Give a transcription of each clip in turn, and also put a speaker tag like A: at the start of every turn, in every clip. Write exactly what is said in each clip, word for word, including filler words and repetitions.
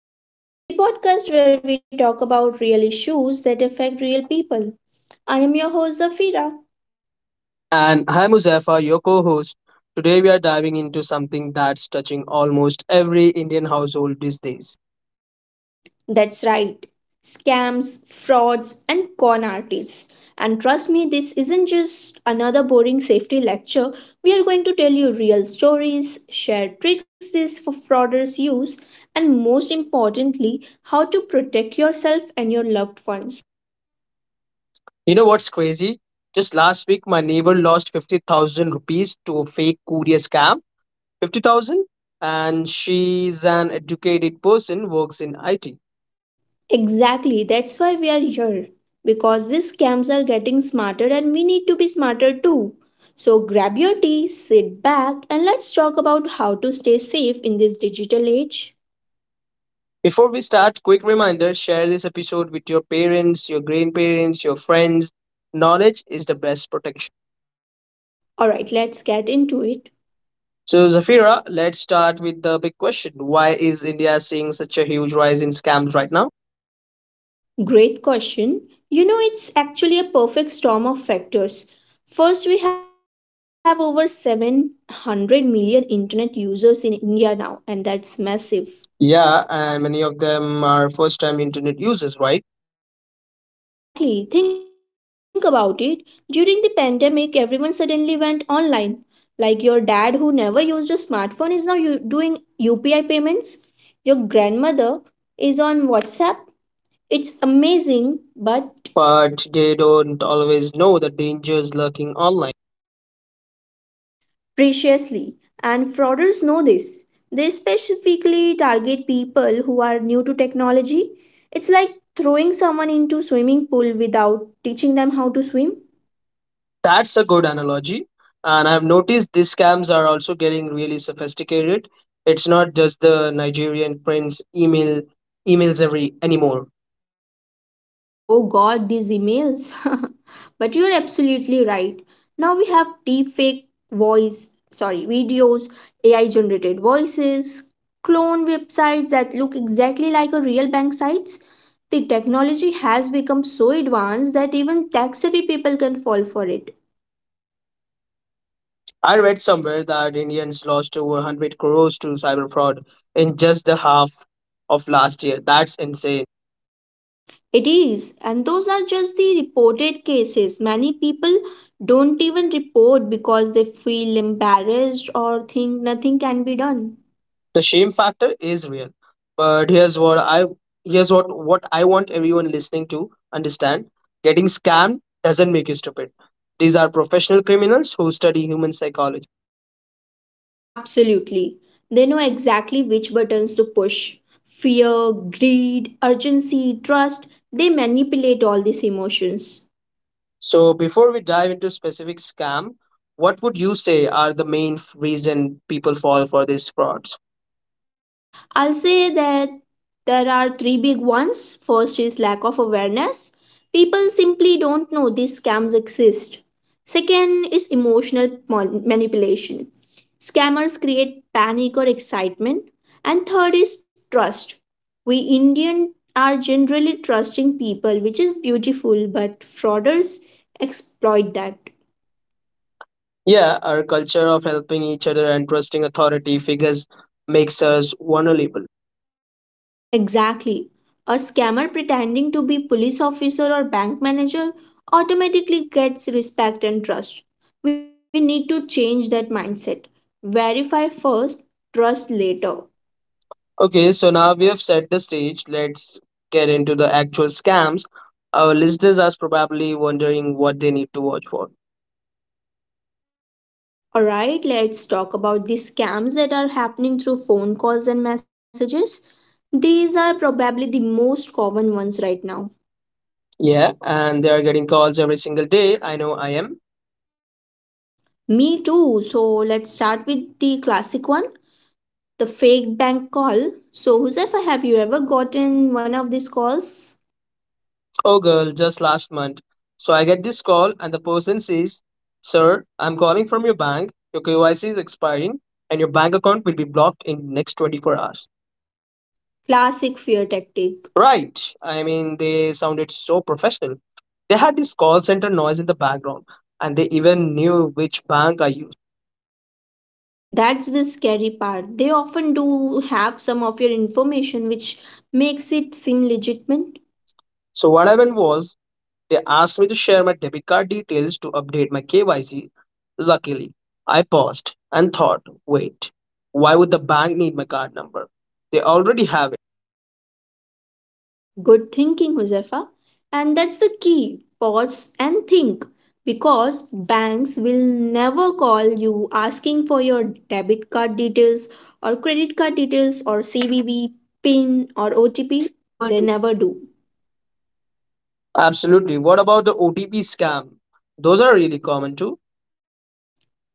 A: India, the podcast where we talk about real issues that affect real people. I am your host Zafira.
B: And I'm Muzaffar, your co host. Today we are diving into something that's touching almost every Indian household these days.
A: That's right, scams, frauds, and con artists. And trust me, this isn't just another boring safety lecture. We are going to tell you real stories, share tricks these fraudsters use, and most importantly, how to protect yourself and your loved ones.
B: You know what's crazy? Just last week, my neighbor lost fifty thousand rupees to a fake courier scam. fifty thousand? And she's an educated person, works in I T.
A: Exactly, that's why we are here. Because these scams are getting smarter and we need to be smarter too. So grab your tea, sit back, and let's talk about how to stay safe in this digital age.
B: Before we start, quick reminder, share this episode with your parents, your grandparents, your friends. Knowledge is the best protection.
A: Alright, let's get into it.
B: So, Zafira, let's start with the big question. Why is India seeing such a huge rise in scams right now?
A: Great question. You know, it's actually a perfect storm of factors. First, we have over seven hundred million internet users in India now, and that's massive.
B: Yeah, and many of them are first time internet users, right?
A: Exactly. Think about it. During the pandemic, everyone suddenly went online. Like your dad, who never used a smartphone, is now u- doing U P I payments. Your grandmother is on WhatsApp. It's amazing, but
B: But they don't always know the dangers lurking online.
A: preciously. And frauders know this. They specifically target people who are new to technology. It's like throwing someone into swimming pool without teaching them how to swim.
B: That's a good analogy. And I've noticed these scams are also getting really sophisticated. It's not just the Nigerian prince email emails every anymore.
A: Oh god, these emails. But you're absolutely right. Now we have deepfake voice, sorry, videos, A I generated voices, clone websites that look exactly like a real bank sites. The technology has become so advanced that even tech savvy people can fall for it.
B: I read somewhere that Indians lost over one hundred crores to cyber fraud in just the half of last year. That's insane.
A: It is, and those are just the reported cases. Many people don't even report because they feel embarrassed or think nothing can be done.
B: The shame factor is real. But here's what I here's what what I want everyone listening to understand. Getting scammed doesn't make you stupid. These are professional criminals who study human psychology.
A: Absolutely. They know exactly which buttons to push. Fear, greed, urgency, trust, they manipulate all these emotions.
B: So before we dive into specific scam, what would you say are the main f- reason people fall for these frauds?
A: I'll say that there are three big ones. First is lack of awareness. People simply don't know these scams exist. Second is emotional mon- manipulation. Scammers create panic or excitement. And third is trust. We Indian are generally trusting people, which is beautiful, but frauders exploit that.
B: Yeah, our culture of helping each other and trusting authority figures makes us vulnerable.
A: Exactly. A scammer pretending to be police officer or bank manager automatically gets respect and trust. We need to change that mindset. Verify first, trust later.
B: Okay, so now we have set the stage. Let's get into the actual scams. Our listeners are probably wondering what they need to watch for.
A: All right, let's talk about the scams that are happening through phone calls and messages. These are probably the most common ones right now.
B: Yeah, and they are getting calls every single day. I know I am.
A: Me too. So let's start with the classic one, the fake bank call. So, Josefa, have you ever gotten one of these calls?
B: Oh, girl, just last month. So I get this call, and the person says, Sir, I'm calling from your bank. Your K Y C is expiring, and your bank account will be blocked in next twenty-four hours.
A: Classic fear tactic.
B: Right. I mean, they sounded so professional. They had this call center noise in the background, and they even knew which bank I used.
A: That's the scary part. They often do have some of your information which makes it seem legitimate.
B: So, what happened was, they asked me to share my debit card details to update my K Y C. Luckily, I paused and thought, wait, why would the bank need my card number? They already have it.
A: Good thinking, Josefa. And that's the key. Pause and think. Because banks will never call you asking for your debit card details or credit card details or C V V, PIN or O T P.
B: They never
A: They
B: do.
A: never do.
B: Absolutely. What about the O T P scam? Those are really common too,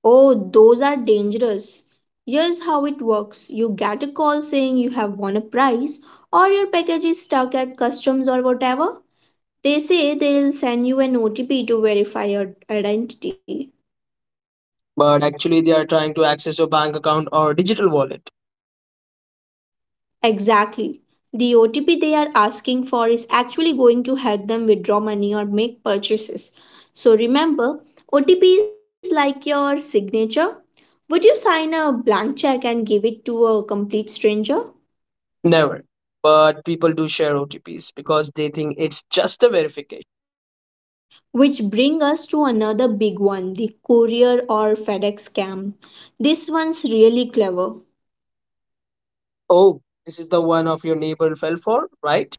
A: Oh, those are dangerous. Here's how it works you get a call saying you have won a prize, or your package is stuck at customs or whatever. They say they'll send you an O T P to verify your identity.
B: but actually, they are trying to access your bank account or digital wallet.
A: Exactly. The O T P they are asking for is actually going to help them withdraw money or make purchases. So remember, O T P is like your signature. Would you sign a blank check and give it to a complete stranger?
B: Never. But people do share O T Ps because they think it's just a verification.
A: Which bring us to another big one, the courier or FedEx scam. This one's really clever.
B: Oh, this is the one of your neighbor fell for, right?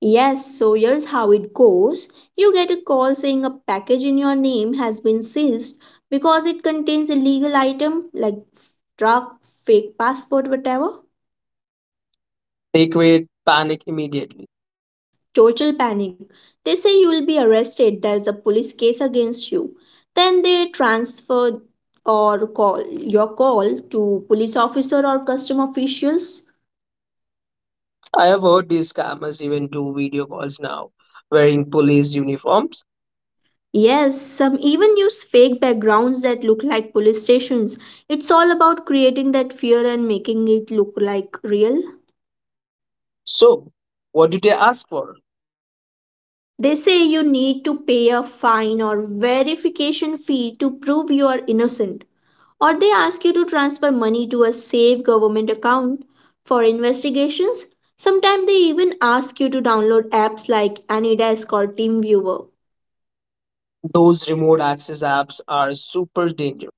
A: Yes, so here's how it goes. You get a call saying a package in your name has been seized because it contains illegal item like drug, fake passport, whatever.
B: They create panic immediately.
A: Total panic. They say you will be arrested. There's a police case against you. Then they transfer or call your call to police officer or custom officials.
B: I have heard these scammers even do video calls now wearing police uniforms.
A: Yes, some even use fake backgrounds that look like police stations. It's all about creating that fear and making it look like real.
B: So, what do they ask for?
A: They say you need to pay a fine or verification fee to prove you are innocent, or they ask you to transfer money to a safe government account for investigations. Sometimes they even ask you to download apps like Anydesk or TeamViewer.
B: Those remote access apps are super dangerous.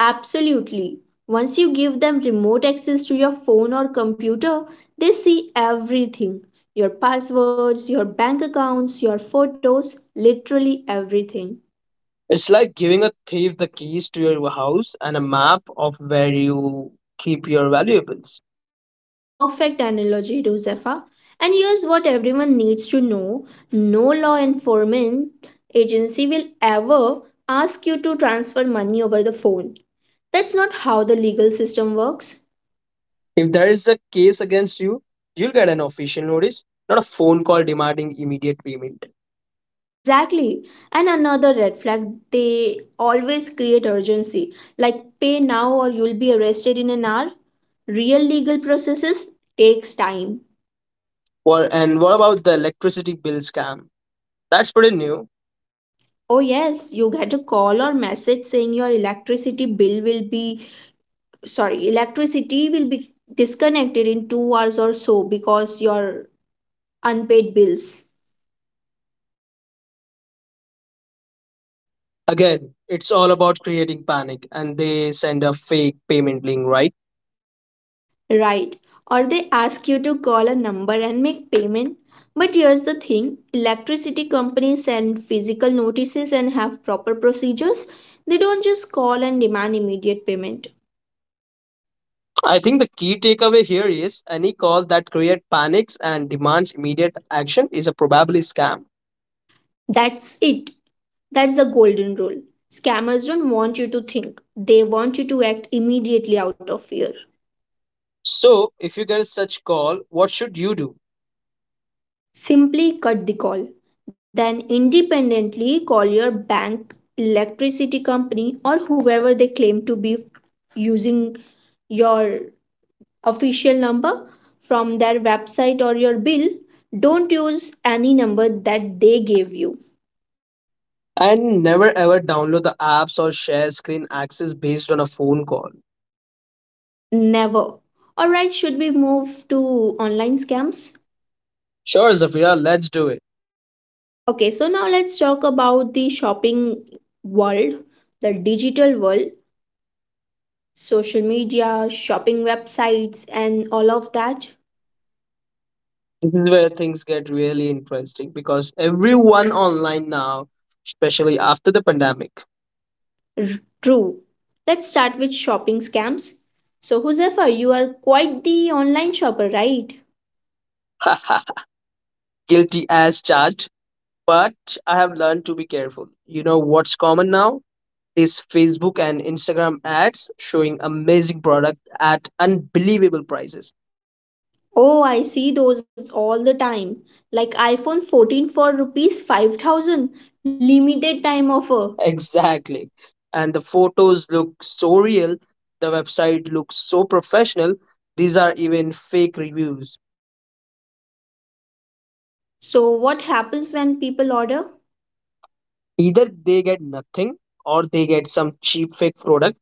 A: Absolutely. Once you give them remote access to your phone or computer, they see everything your passwords, your bank accounts, your photos, literally everything.
B: It's like giving a thief the keys to your house and a map of where you keep your valuables.
A: Perfect analogy, Josefa. And here's what everyone needs to know no law enforcement agency will ever ask you to transfer money over the phone. That's not how the legal system works.
B: If there is a case against you, you'll get an official notice, not a phone call demanding immediate payment.
A: Exactly. And another red flag, they always create urgency, like pay now or you'll be arrested in an hour. Real legal processes takes time.
B: Well, and what about the electricity bill scam? That's pretty new.
A: Oh yes, you get a call or message saying your electricity bill will be sorry, electricity will be disconnected in two hours or so because your unpaid bills.
B: Again, it's all about creating panic, and they send a fake payment link, right?
A: Right. Or they ask you to call a number and make payment. But here's the thing electricity companies send physical notices and have proper procedures. They don't just call and demand immediate payment.
B: I think the key takeaway here is any call that creates panics and demands immediate action is a probably scam.
A: That's it. That's the golden rule. Scammers don't want you to think, they want you to act immediately out of fear.
B: So, if you get such call, what should you do?
A: Simply cut the call. Then independently call your bank, electricity company, or whoever they claim to be using your official number from their website or your bill. Don't use any number that they gave you.
B: And never ever download the apps or share screen access based on a phone call.
A: Never. Alright, should we move to online scams?
B: Sure, Zafira, let's do it.
A: Okay, so now let's talk about the shopping world, the digital world, social media, shopping websites, and all of that.
B: This is where things get really interesting because everyone online now, especially after the pandemic.
A: R- True. Let's start with shopping scams. So, Huzefa, you are quite the online shopper, right?
B: Guilty as charged. But I have learned to be careful. You know what's common now? These Facebook and Instagram ads showing amazing product at unbelievable prices.
A: Oh, I see those all the time. Like iPhone fourteen for rupees five thousand limited time offer.
B: Exactly. And the photos look so real. The website looks so professional. These are even fake reviews.
A: So what happens when people order?
B: Either they get nothing or they get some cheap fake product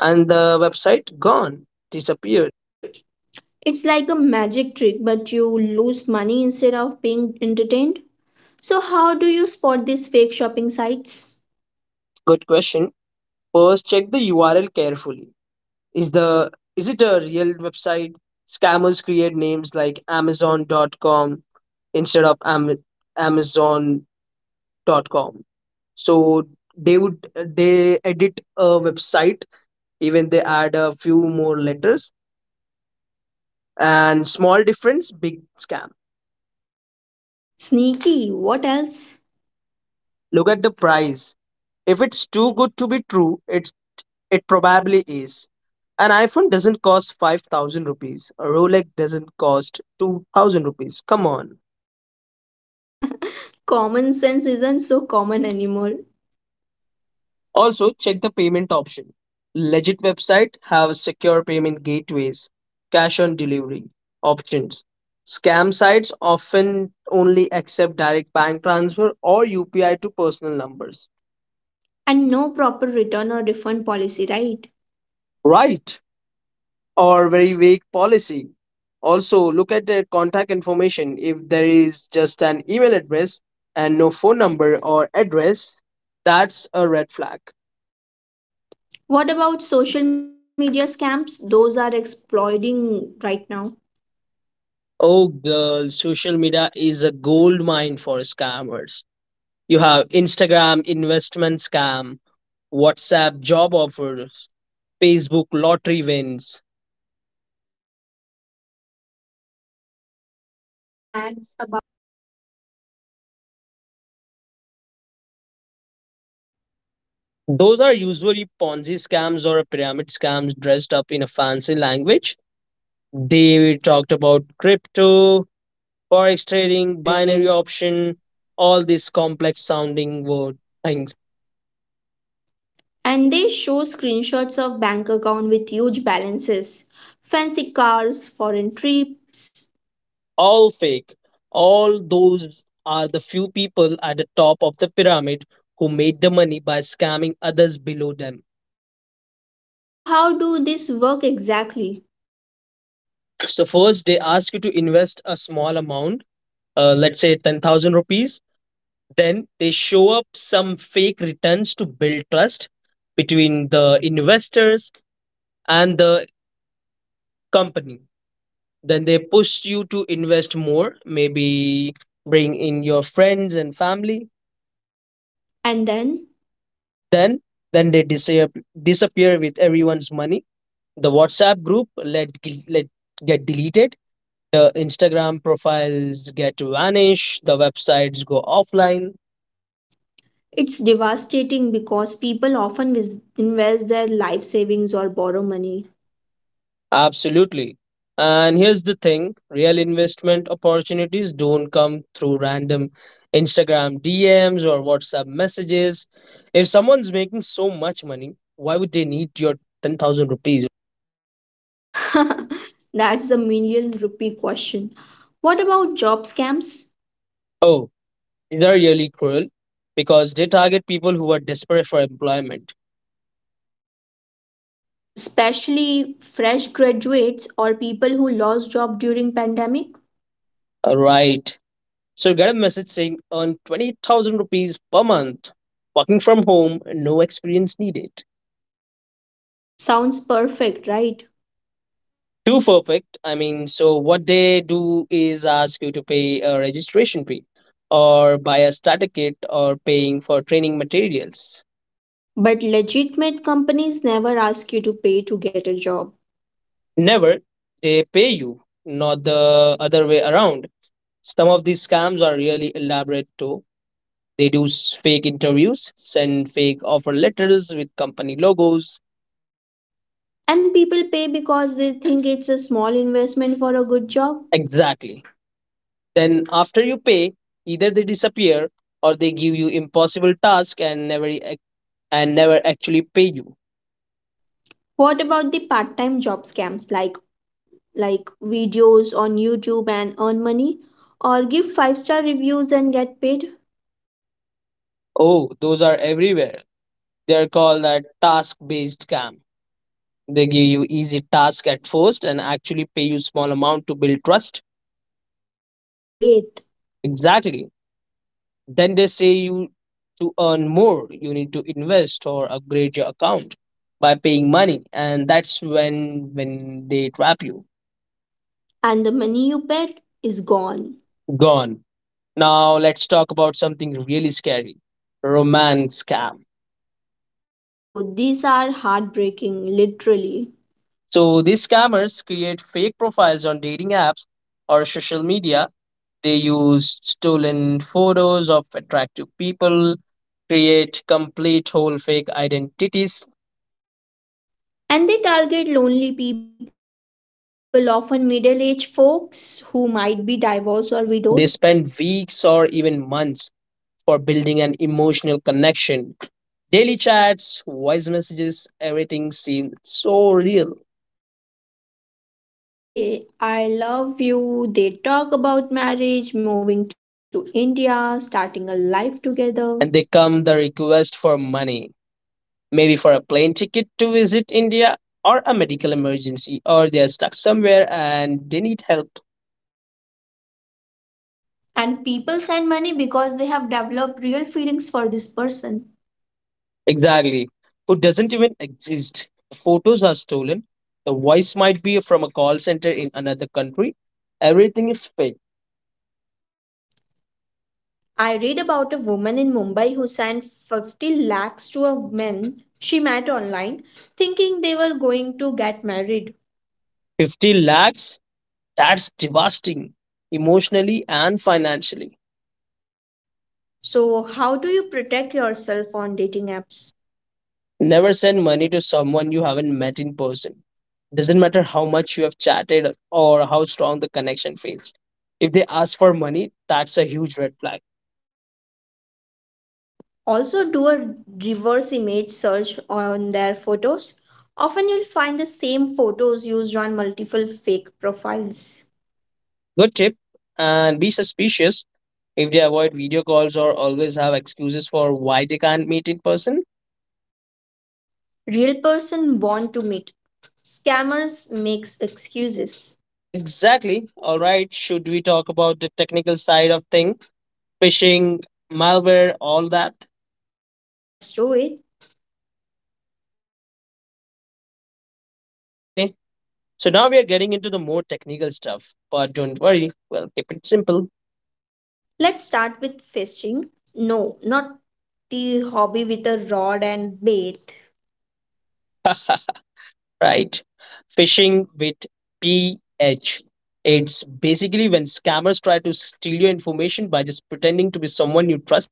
B: and the website gone, disappeared.
A: Weird. It's like a magic trick, but you lose money instead of being entertained. So how do you spot these fake shopping sites?
B: Good question. First, check the U R L carefully. Is the is it a real website? Scammers create names like Amazon dot com instead of am, Amazon dot com. So they would they edit a website, even they add a few more letters, and small difference big scam.
A: Sneaky, what else?
B: Look at the price. If it's too good to be true, it it probably is. An iPhone doesn't cost five thousand rupees. A Rolex doesn't cost two thousand rupees. Come on.
A: Common sense isn't so common anymore.
B: Also, check the payment option. Legit website have secure payment gateways, cash on delivery options. Scam sites often only accept direct bank transfer or U P I to personal numbers.
A: And no proper return or refund policy, right?
B: Right? Or very vague policy. Also, look at their contact information. If there is just an email address and no phone number or address, that's a red flag.
A: What about social media scams? Those are exploding right now.
B: Oh, girl, social media is a gold mine for scammers. You have Instagram investment scam, WhatsApp job offers, Facebook lottery wins.
A: Let's talk about the investment one first. I keep seeing
B: Ads.
A: ads about earn five lakh per month from home.
B: Those are
A: Those are
B: usually
A: usually
B: Ponzi
A: Ponzi
B: scams or
A: scams
B: pyramid
A: or pyramid
B: scams dressed
A: scams
B: up in a
A: dressed up in a
B: fancy
A: fancy
B: language.
A: language.
B: They talked
A: They
B: about
A: talked about
B: crypto,
A: crypto,
B: forex
A: forex.
B: trading, binary option, all these complex sounding word things.
A: And they show screenshots of bank account with huge balances, fancy cars, foreign trips.
B: All fake. All those are the few people at the top of the pyramid who made the money by scamming others below them.
A: So how do this work exactly?
B: So first they ask you to invest a small amount, uh, let's say ten thousand rupees. Then they show up some fake returns to build trust between the investors and the company. Then they push you to invest more, maybe bring in your friends and family.
A: And then
B: Then then they disappear disappear with everyone's money. The WhatsApp group let let get deleted. The Instagram profiles get vanished, the websites go offline.
A: it's devastating because people often vis- invest their life savings or borrow money.
B: Absolutely. And here's the thing, real investment opportunities don't come through random Instagram D Ms or WhatsApp messages. If someone's making so much money, why would they need your ten thousand rupees?
A: That's the million rupee question. What about job scams?
B: Oh, they're really cruel because they target people who are desperate for employment.
A: Especially fresh graduates or people who lost job during pandemic?
B: Uh, Right. So you get a message saying earn twenty thousand rupees per month, working from home, no experience needed.
A: Sounds perfect, right?
B: Too perfect. I mean, so what they do is ask you to pay a registration fee or buy a starter kit or paying for training materials.
A: But legitimate companies never ask you to pay to get a job.
B: Never, they pay you, not the other way around. Some of these scams are really elaborate too. They do s- fake interviews, send fake offer letters with company logos.
A: And people pay because they think it's a small investment for a good job.
B: Exactly. Then after you pay, either they disappear or they give you impossible task and never ac- and never actually pay you.
A: What about the part time job scams like like videos on YouTube and earn money, or give five star reviews and get paid.
B: Oh, those are everywhere. They're called a task-based scam. They give you easy task at first and actually pay you small amount to build trust.
A: The bait
B: Exactly. Then they say you to earn more, you need to invest or upgrade your account by paying money, and that's when when they trap you.
A: and the money you bet is gone.
B: Gone. Now let's talk about something really scary. Romance scam.
A: Oh, these are heartbreaking, literally.
B: So these scammers create fake profiles on dating apps or social media. They use stolen photos of attractive people, create complete whole fake identities.
A: And they target lonely people, often middle aged folks who might be divorced or widowed.
B: They spend weeks or even months for building an emotional connection. Daily chats, voice messages, everything seems so real.
A: They say, I love you. They talk about marriage, moving to India, starting a life together.
B: And they come the request for money, maybe for a plane ticket to visit India or a medical emergency, or they're stuck somewhere and they need help.
A: And people send money because they have developed real feelings for this person.
B: Exactly. Who doesn't even exist. The photos are stolen. The voice might be from a call center in another country. Everything is fake.
A: I read about a woman in Mumbai who sent fifty lakhs to a man she met online thinking they were going to get married.
B: fifty lakhs, that's devastating emotionally and financially.
A: So, how do you protect yourself on dating apps?
B: Never send money to someone you haven't met in person. Doesn't matter how much you have chatted or how strong the connection feels. If they ask for money, that's a huge red flag.
A: Also, do a reverse image search on their photos. Often, you'll find the same photos used on multiple fake profiles.
B: Good tip. And be suspicious if they avoid video calls or always have excuses for why they can't meet in person.
A: Real person want to meet. Scammers makes excuses.
B: Exactly. All right. Should we talk about the technical side of thing, phishing, malware, all that?
A: Let's do it.
B: Okay. So now we are getting into the more technical stuff, but don't worry, we'll keep it simple.
A: Let's start with fishing. No, not the hobby with a rod and bait,
B: Right? Phishing with P H. It's basically when scammers try to steal your information by just pretending to be someone you trust.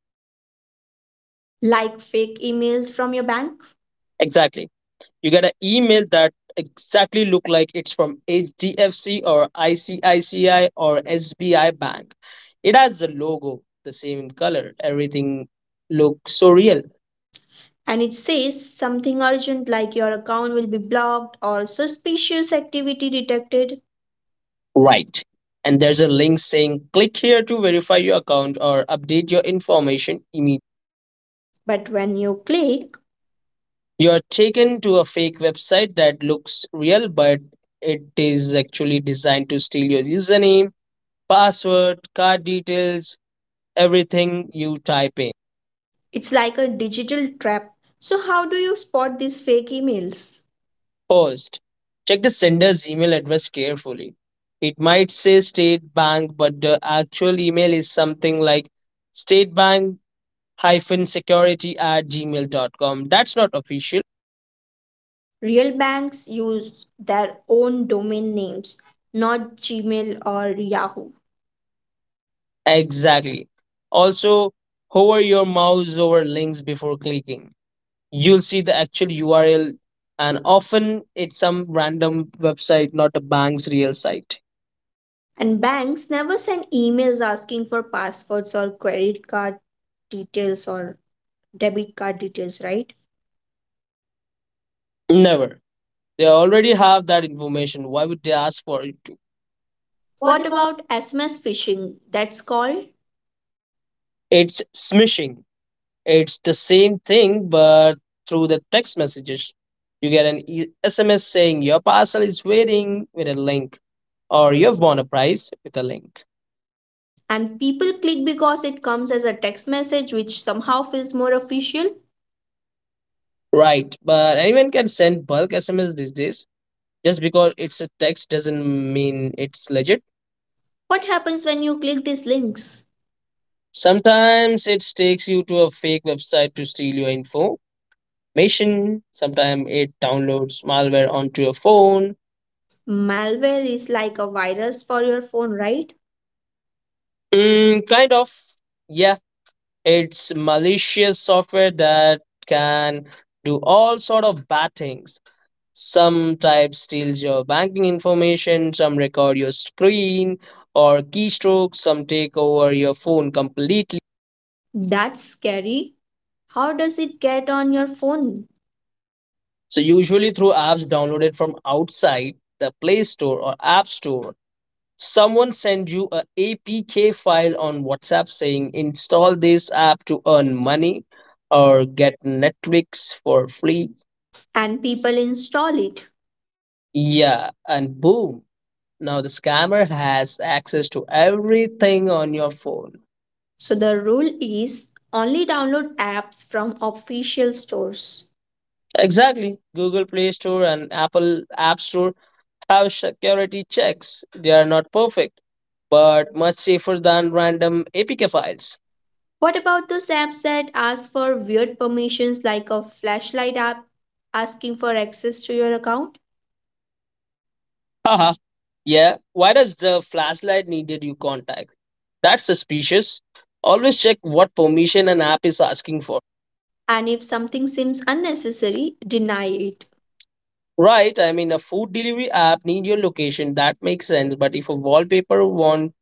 A: like fake emails from your bank.
B: Exactly. You get an email that exactly look like it's from H D F C or I C I C I or S B I bank. It has the logo, the same color, everything looks so real.
A: And it says something urgent like your account will be blocked or suspicious activity detected.
B: Right. And there's a link saying click here to verify your account or update your information immediately.
A: But when you click,
B: You're taken to a fake website that looks real, but it is actually designed to steal your username, password, card details, everything you type in.
A: it's like a digital trap. So, how do you spot these fake emails?
B: First, check the sender's email address carefully. It might say State Bank, but the actual email is something like statebank security at gmail dot com. That's not official.
A: Real banks use their own domain names, not Gmail or Yahoo.
B: Exactly. Also, hover your mouse over links before clicking you'll see the actual U R L, and often it's some random website, not a bank's real site.
A: And banks never send emails asking for passwords or credit card details or debit card details, right?
B: Never. They already have that information. Why would they ask for it to? What
A: What
B: about?
A: about S M S phishing? That's called.
B: It's smishing. It's the same thing, but through the text messages. You get an e- S M S saying your parcel is waiting with a link, or you've won a prize with a link.
A: And people click because it comes as a text message, which somehow feels more official.
B: Right, but anyone can send bulk S M S these days. Just because it's a text doesn't mean it's legit.
A: What happens when you click these links?
B: Sometimes it takes you to a fake website to steal your information. Sometimes it downloads malware onto your phone.
A: Malware is like a virus for your phone, right?
B: Mm, kind of. Yeah, it's malicious software that can do all sort of bad things. Some type steals your banking information, some record your screen or keystrokes, some take over your phone completely.
A: That's scary. How does it get on your phone?
B: So usually through apps downloaded from outside the Play Store or App Store, someone sends you a apk file on WhatsApp saying install this app to earn money or get Netflix for free.
A: And people install it.
B: Yeah, and boom, now the scammer has access to everything on your phone.
A: So the rule is only download apps from official stores.
B: Exactly. Google Play Store and Apple App Store have security checks. They are not perfect but much safer than random apk files.
A: What about those apps that ask for weird permissions like a flashlight app asking for access to your account?
B: Yeah, why does the flashlight needed you contact? That's suspicious. Always check what permission an app is asking for.
A: And if something seems unnecessary, deny it.
B: Right, I mean a food delivery app need your location, that makes sense, but if a wallpaper wants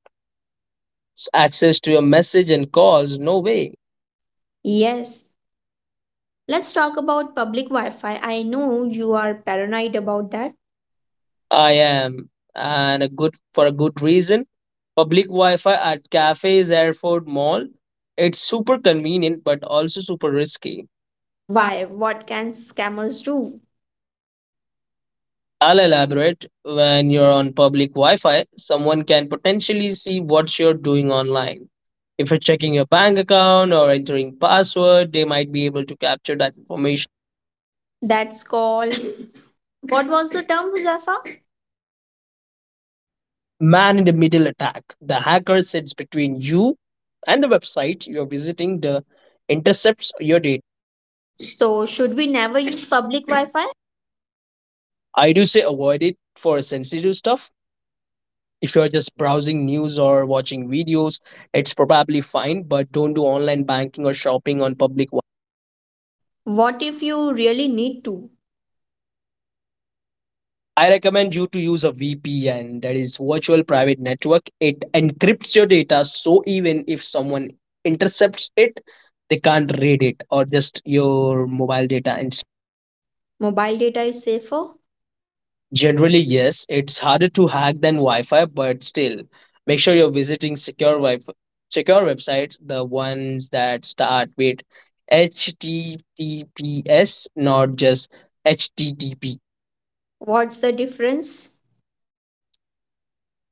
B: access to your message and calls, no way.
A: Yes, let's talk about public Wi Fi. I know you are paranoid about that.
B: I am, and a good for a good reason. Public Wi-Fi at cafes, airport, mall. It's super convenient but also super risky.
A: Why? What can scammers do?
B: I'll elaborate. When you're on public Wi Fi, someone can potentially see what you're doing online. If you're checking your bank account or entering password, they might be able to capture that information.
A: That's called. What was the term, Huzafa?
B: Man in the middle attack. The hacker sits between you and the website you're visiting, the intercepts your data.
A: So, should we never use public Wi Fi?
B: I do say avoid it for sensitive stuff. If you're just browsing news or watching videos, it's probably fine, but don't do online banking or shopping on public.
A: What if you really need to?
B: I recommend you to use a V P N, that is virtual private network. It encrypts your data, so even if someone intercepts it, they can't read it. Or just your mobile data.
A: Mobile data is safer?
B: Generally, yes, it's harder to hack than Wi-Fi, but still, make sure you're visiting secure wi fi secure websites, the ones that start with H T T P S, not just H T T P.
A: What's the difference?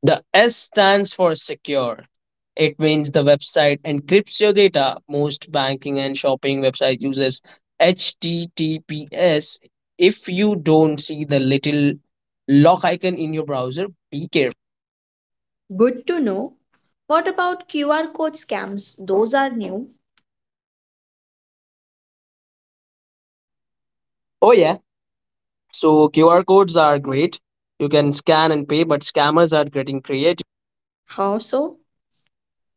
B: The S stands for secure. It means the website encrypts your data. Most banking and shopping website uses H T T P S. If you don't see the little lock icon in your browser, be careful.
A: Good to know. What about Q R code scams? Those are new.
B: Oh yeah. So Q R codes are great. You can scan and pay, but scammers are getting creative.
A: How so?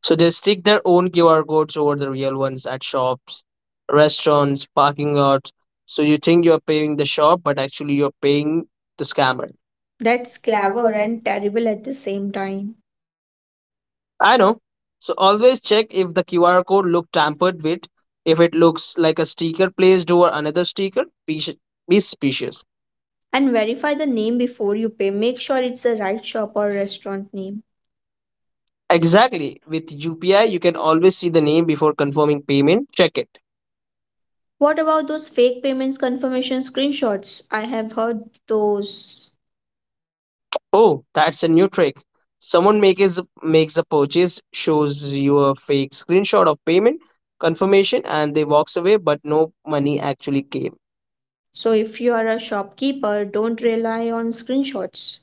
B: So they stick their own Q R codes over the real ones at shops, restaurants, parking lots. So you think you're paying the shop, but actually you're paying the scammer.
A: That's clever
B: I
A: and terrible at the same time.
B: know. So always check if the Q R code look tampered with. If it looks like a sticker placed over another sticker, be, sh- be suspicious.
A: And verify the name before you pay. Make sure it's the right shop or restaurant name.
B: Exactly. With U P I, you can always see the name before confirming payment. Check it.
A: What about those fake payments confirmation screenshots? I have heard those.
B: Oh, that's a new trick. Someone makes makes a purchase, shows you a fake screenshot of payment confirmation, and they walks away, but no money actually came.
A: So if you are a shopkeeper, don't rely on screenshots.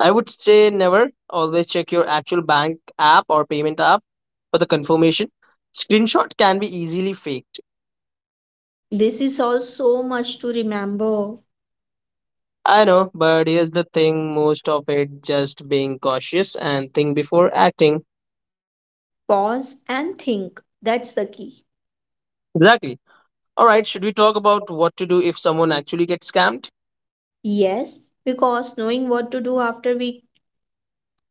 B: I would say never. Always check your actual bank app or payment app for the confirmation. Screenshot can be easily faked.
A: This is all so much to remember.
B: I know, but here's the thing, most of it just being cautious and think before acting.
A: Pause and think. That's the key.
B: Exactly. All right, should we talk about what to do if someone actually gets scammed?
A: Yes, because knowing what to do after we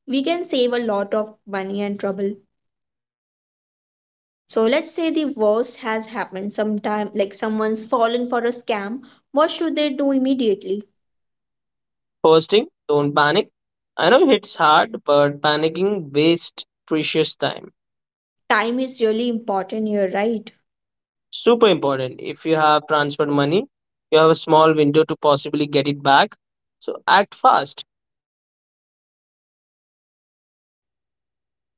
A: we can save a lot of money and trouble. So let's say the worst has happened sometime like someone's fallen for a scam. What should they do immediately?
B: First thing, don't panic. I know it's hard, but panicking wastes precious time.
A: Time is really important here, right?
B: Super important. If you have transferred money, you have a small window to possibly get it back. So act fast.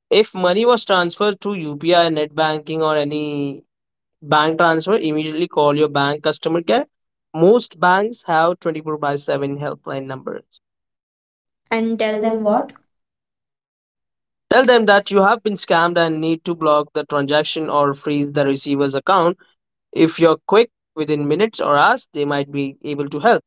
B: If money was transferred through U P I, net banking, or any bank transfer, immediately call your bank customer care. Most banks have twenty-four by seven helpline numbers.
A: And tell
B: Tell
A: them
B: them what?
A: what?
B: Tell them that you have been scammed and need to block the transaction or freeze the receiver's account. If you're quick within minutes or hours, they might be able to help.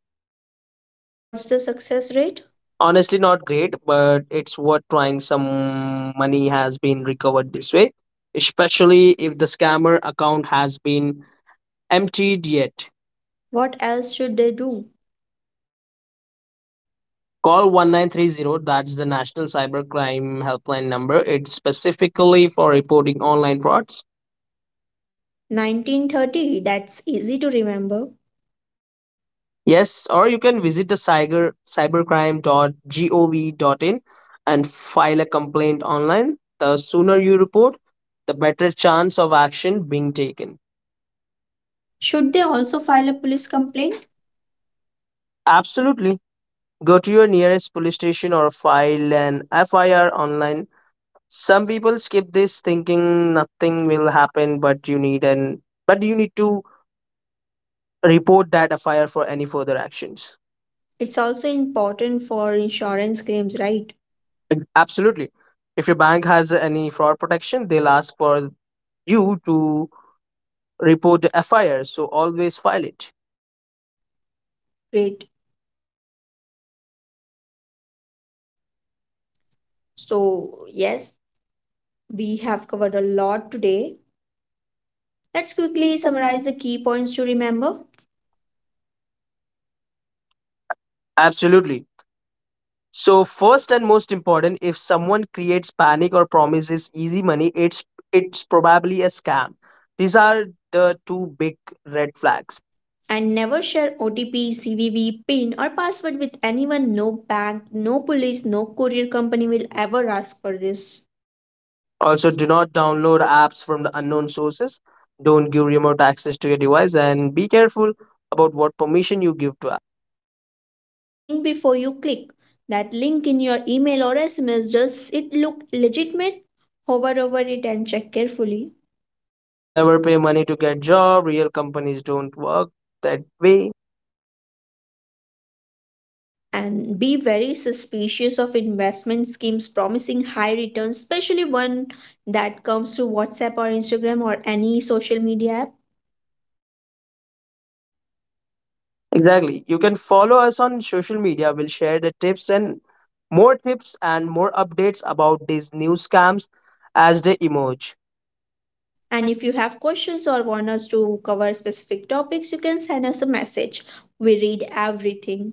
A: What's the success rate?
B: Honestly, not great, but it's worth trying. Some money has been recovered this way, especially if the scammer account has been emptied yet.
A: What else should they do?
B: Call one nine three zero, that's the National Cybercrime Helpline number. It's specifically for reporting online frauds.
A: nineteen thirty, that's easy to remember.
B: Yes, or you can visit the cyber, cybercrime dot gov dot in and file a complaint online. The sooner you report, the better chance of action being taken. Should
A: Should
B: they
A: they also
B: also
A: file
B: file
A: a
B: a
A: police
B: police complaint?
A: complaint?
B: Absolutely. Go to your nearest police station or file an F I R online. Some people skip this thinking nothing will happen, but you need an but you need to report that fire for any further actions.
A: It's also important for insurance claims, right?
B: Ag- absolutely. If your bank has any fraud protection, they'll ask for you to report the fire. So always file it.
A: Great. So, yes, we have covered a lot today. Let's quickly
B: Let
A: summarize
B: summarize it.
A: the key points to remember.
B: Absolutely. So first and most important, if someone creates panic or promises easy money, it's it's probably a scam. These are the two big red flags.
A: And never share O T P, C V V, PIN, or password with anyone. No bank, no police, no courier company will ever ask for this.
B: Also, do not download apps from the unknown sources. Don't give remote access to your device and be careful about what permission you give to apps.
A: And think before you click that link in your email or S M S. Does it look legitimate? Hover over it and check carefully.
B: Never pay money to get job. Real companies don't work that way.
A: And be very suspicious of investment schemes promising high returns, especially one that comes through WhatsApp or Instagram or any social media app.
B: Exactly. You can follow us on social media. We'll share the tips and more tips and more updates about these new scams as they emerge.
A: And if you have questions or want us to cover specific topics, you can send us a message. We read everything.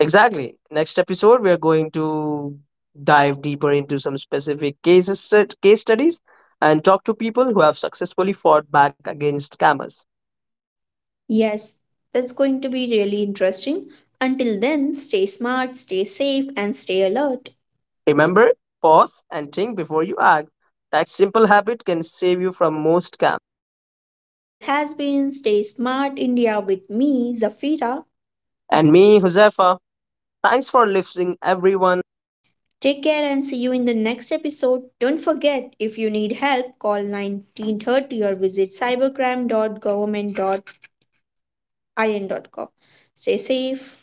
B: Exactly. Next episode, we are going to dive deeper into some specific cases, stu- case studies, and talk to people who have successfully fought back against scammers.
A: Yes, that's going to be really interesting. Until then, stay smart, stay safe, and stay alert.
B: Remember, pause and think before you act. That simple habit can save you from most scams.
A: This has been Stay Smart India with me, Zafira.
B: And me, Huzefa, thanks for listening, everyone.
A: Take care and see you in the next episode. Don't forget, if you need help, call nineteen thirty or visit cybercrime dot government dot in dot com. Stay safe.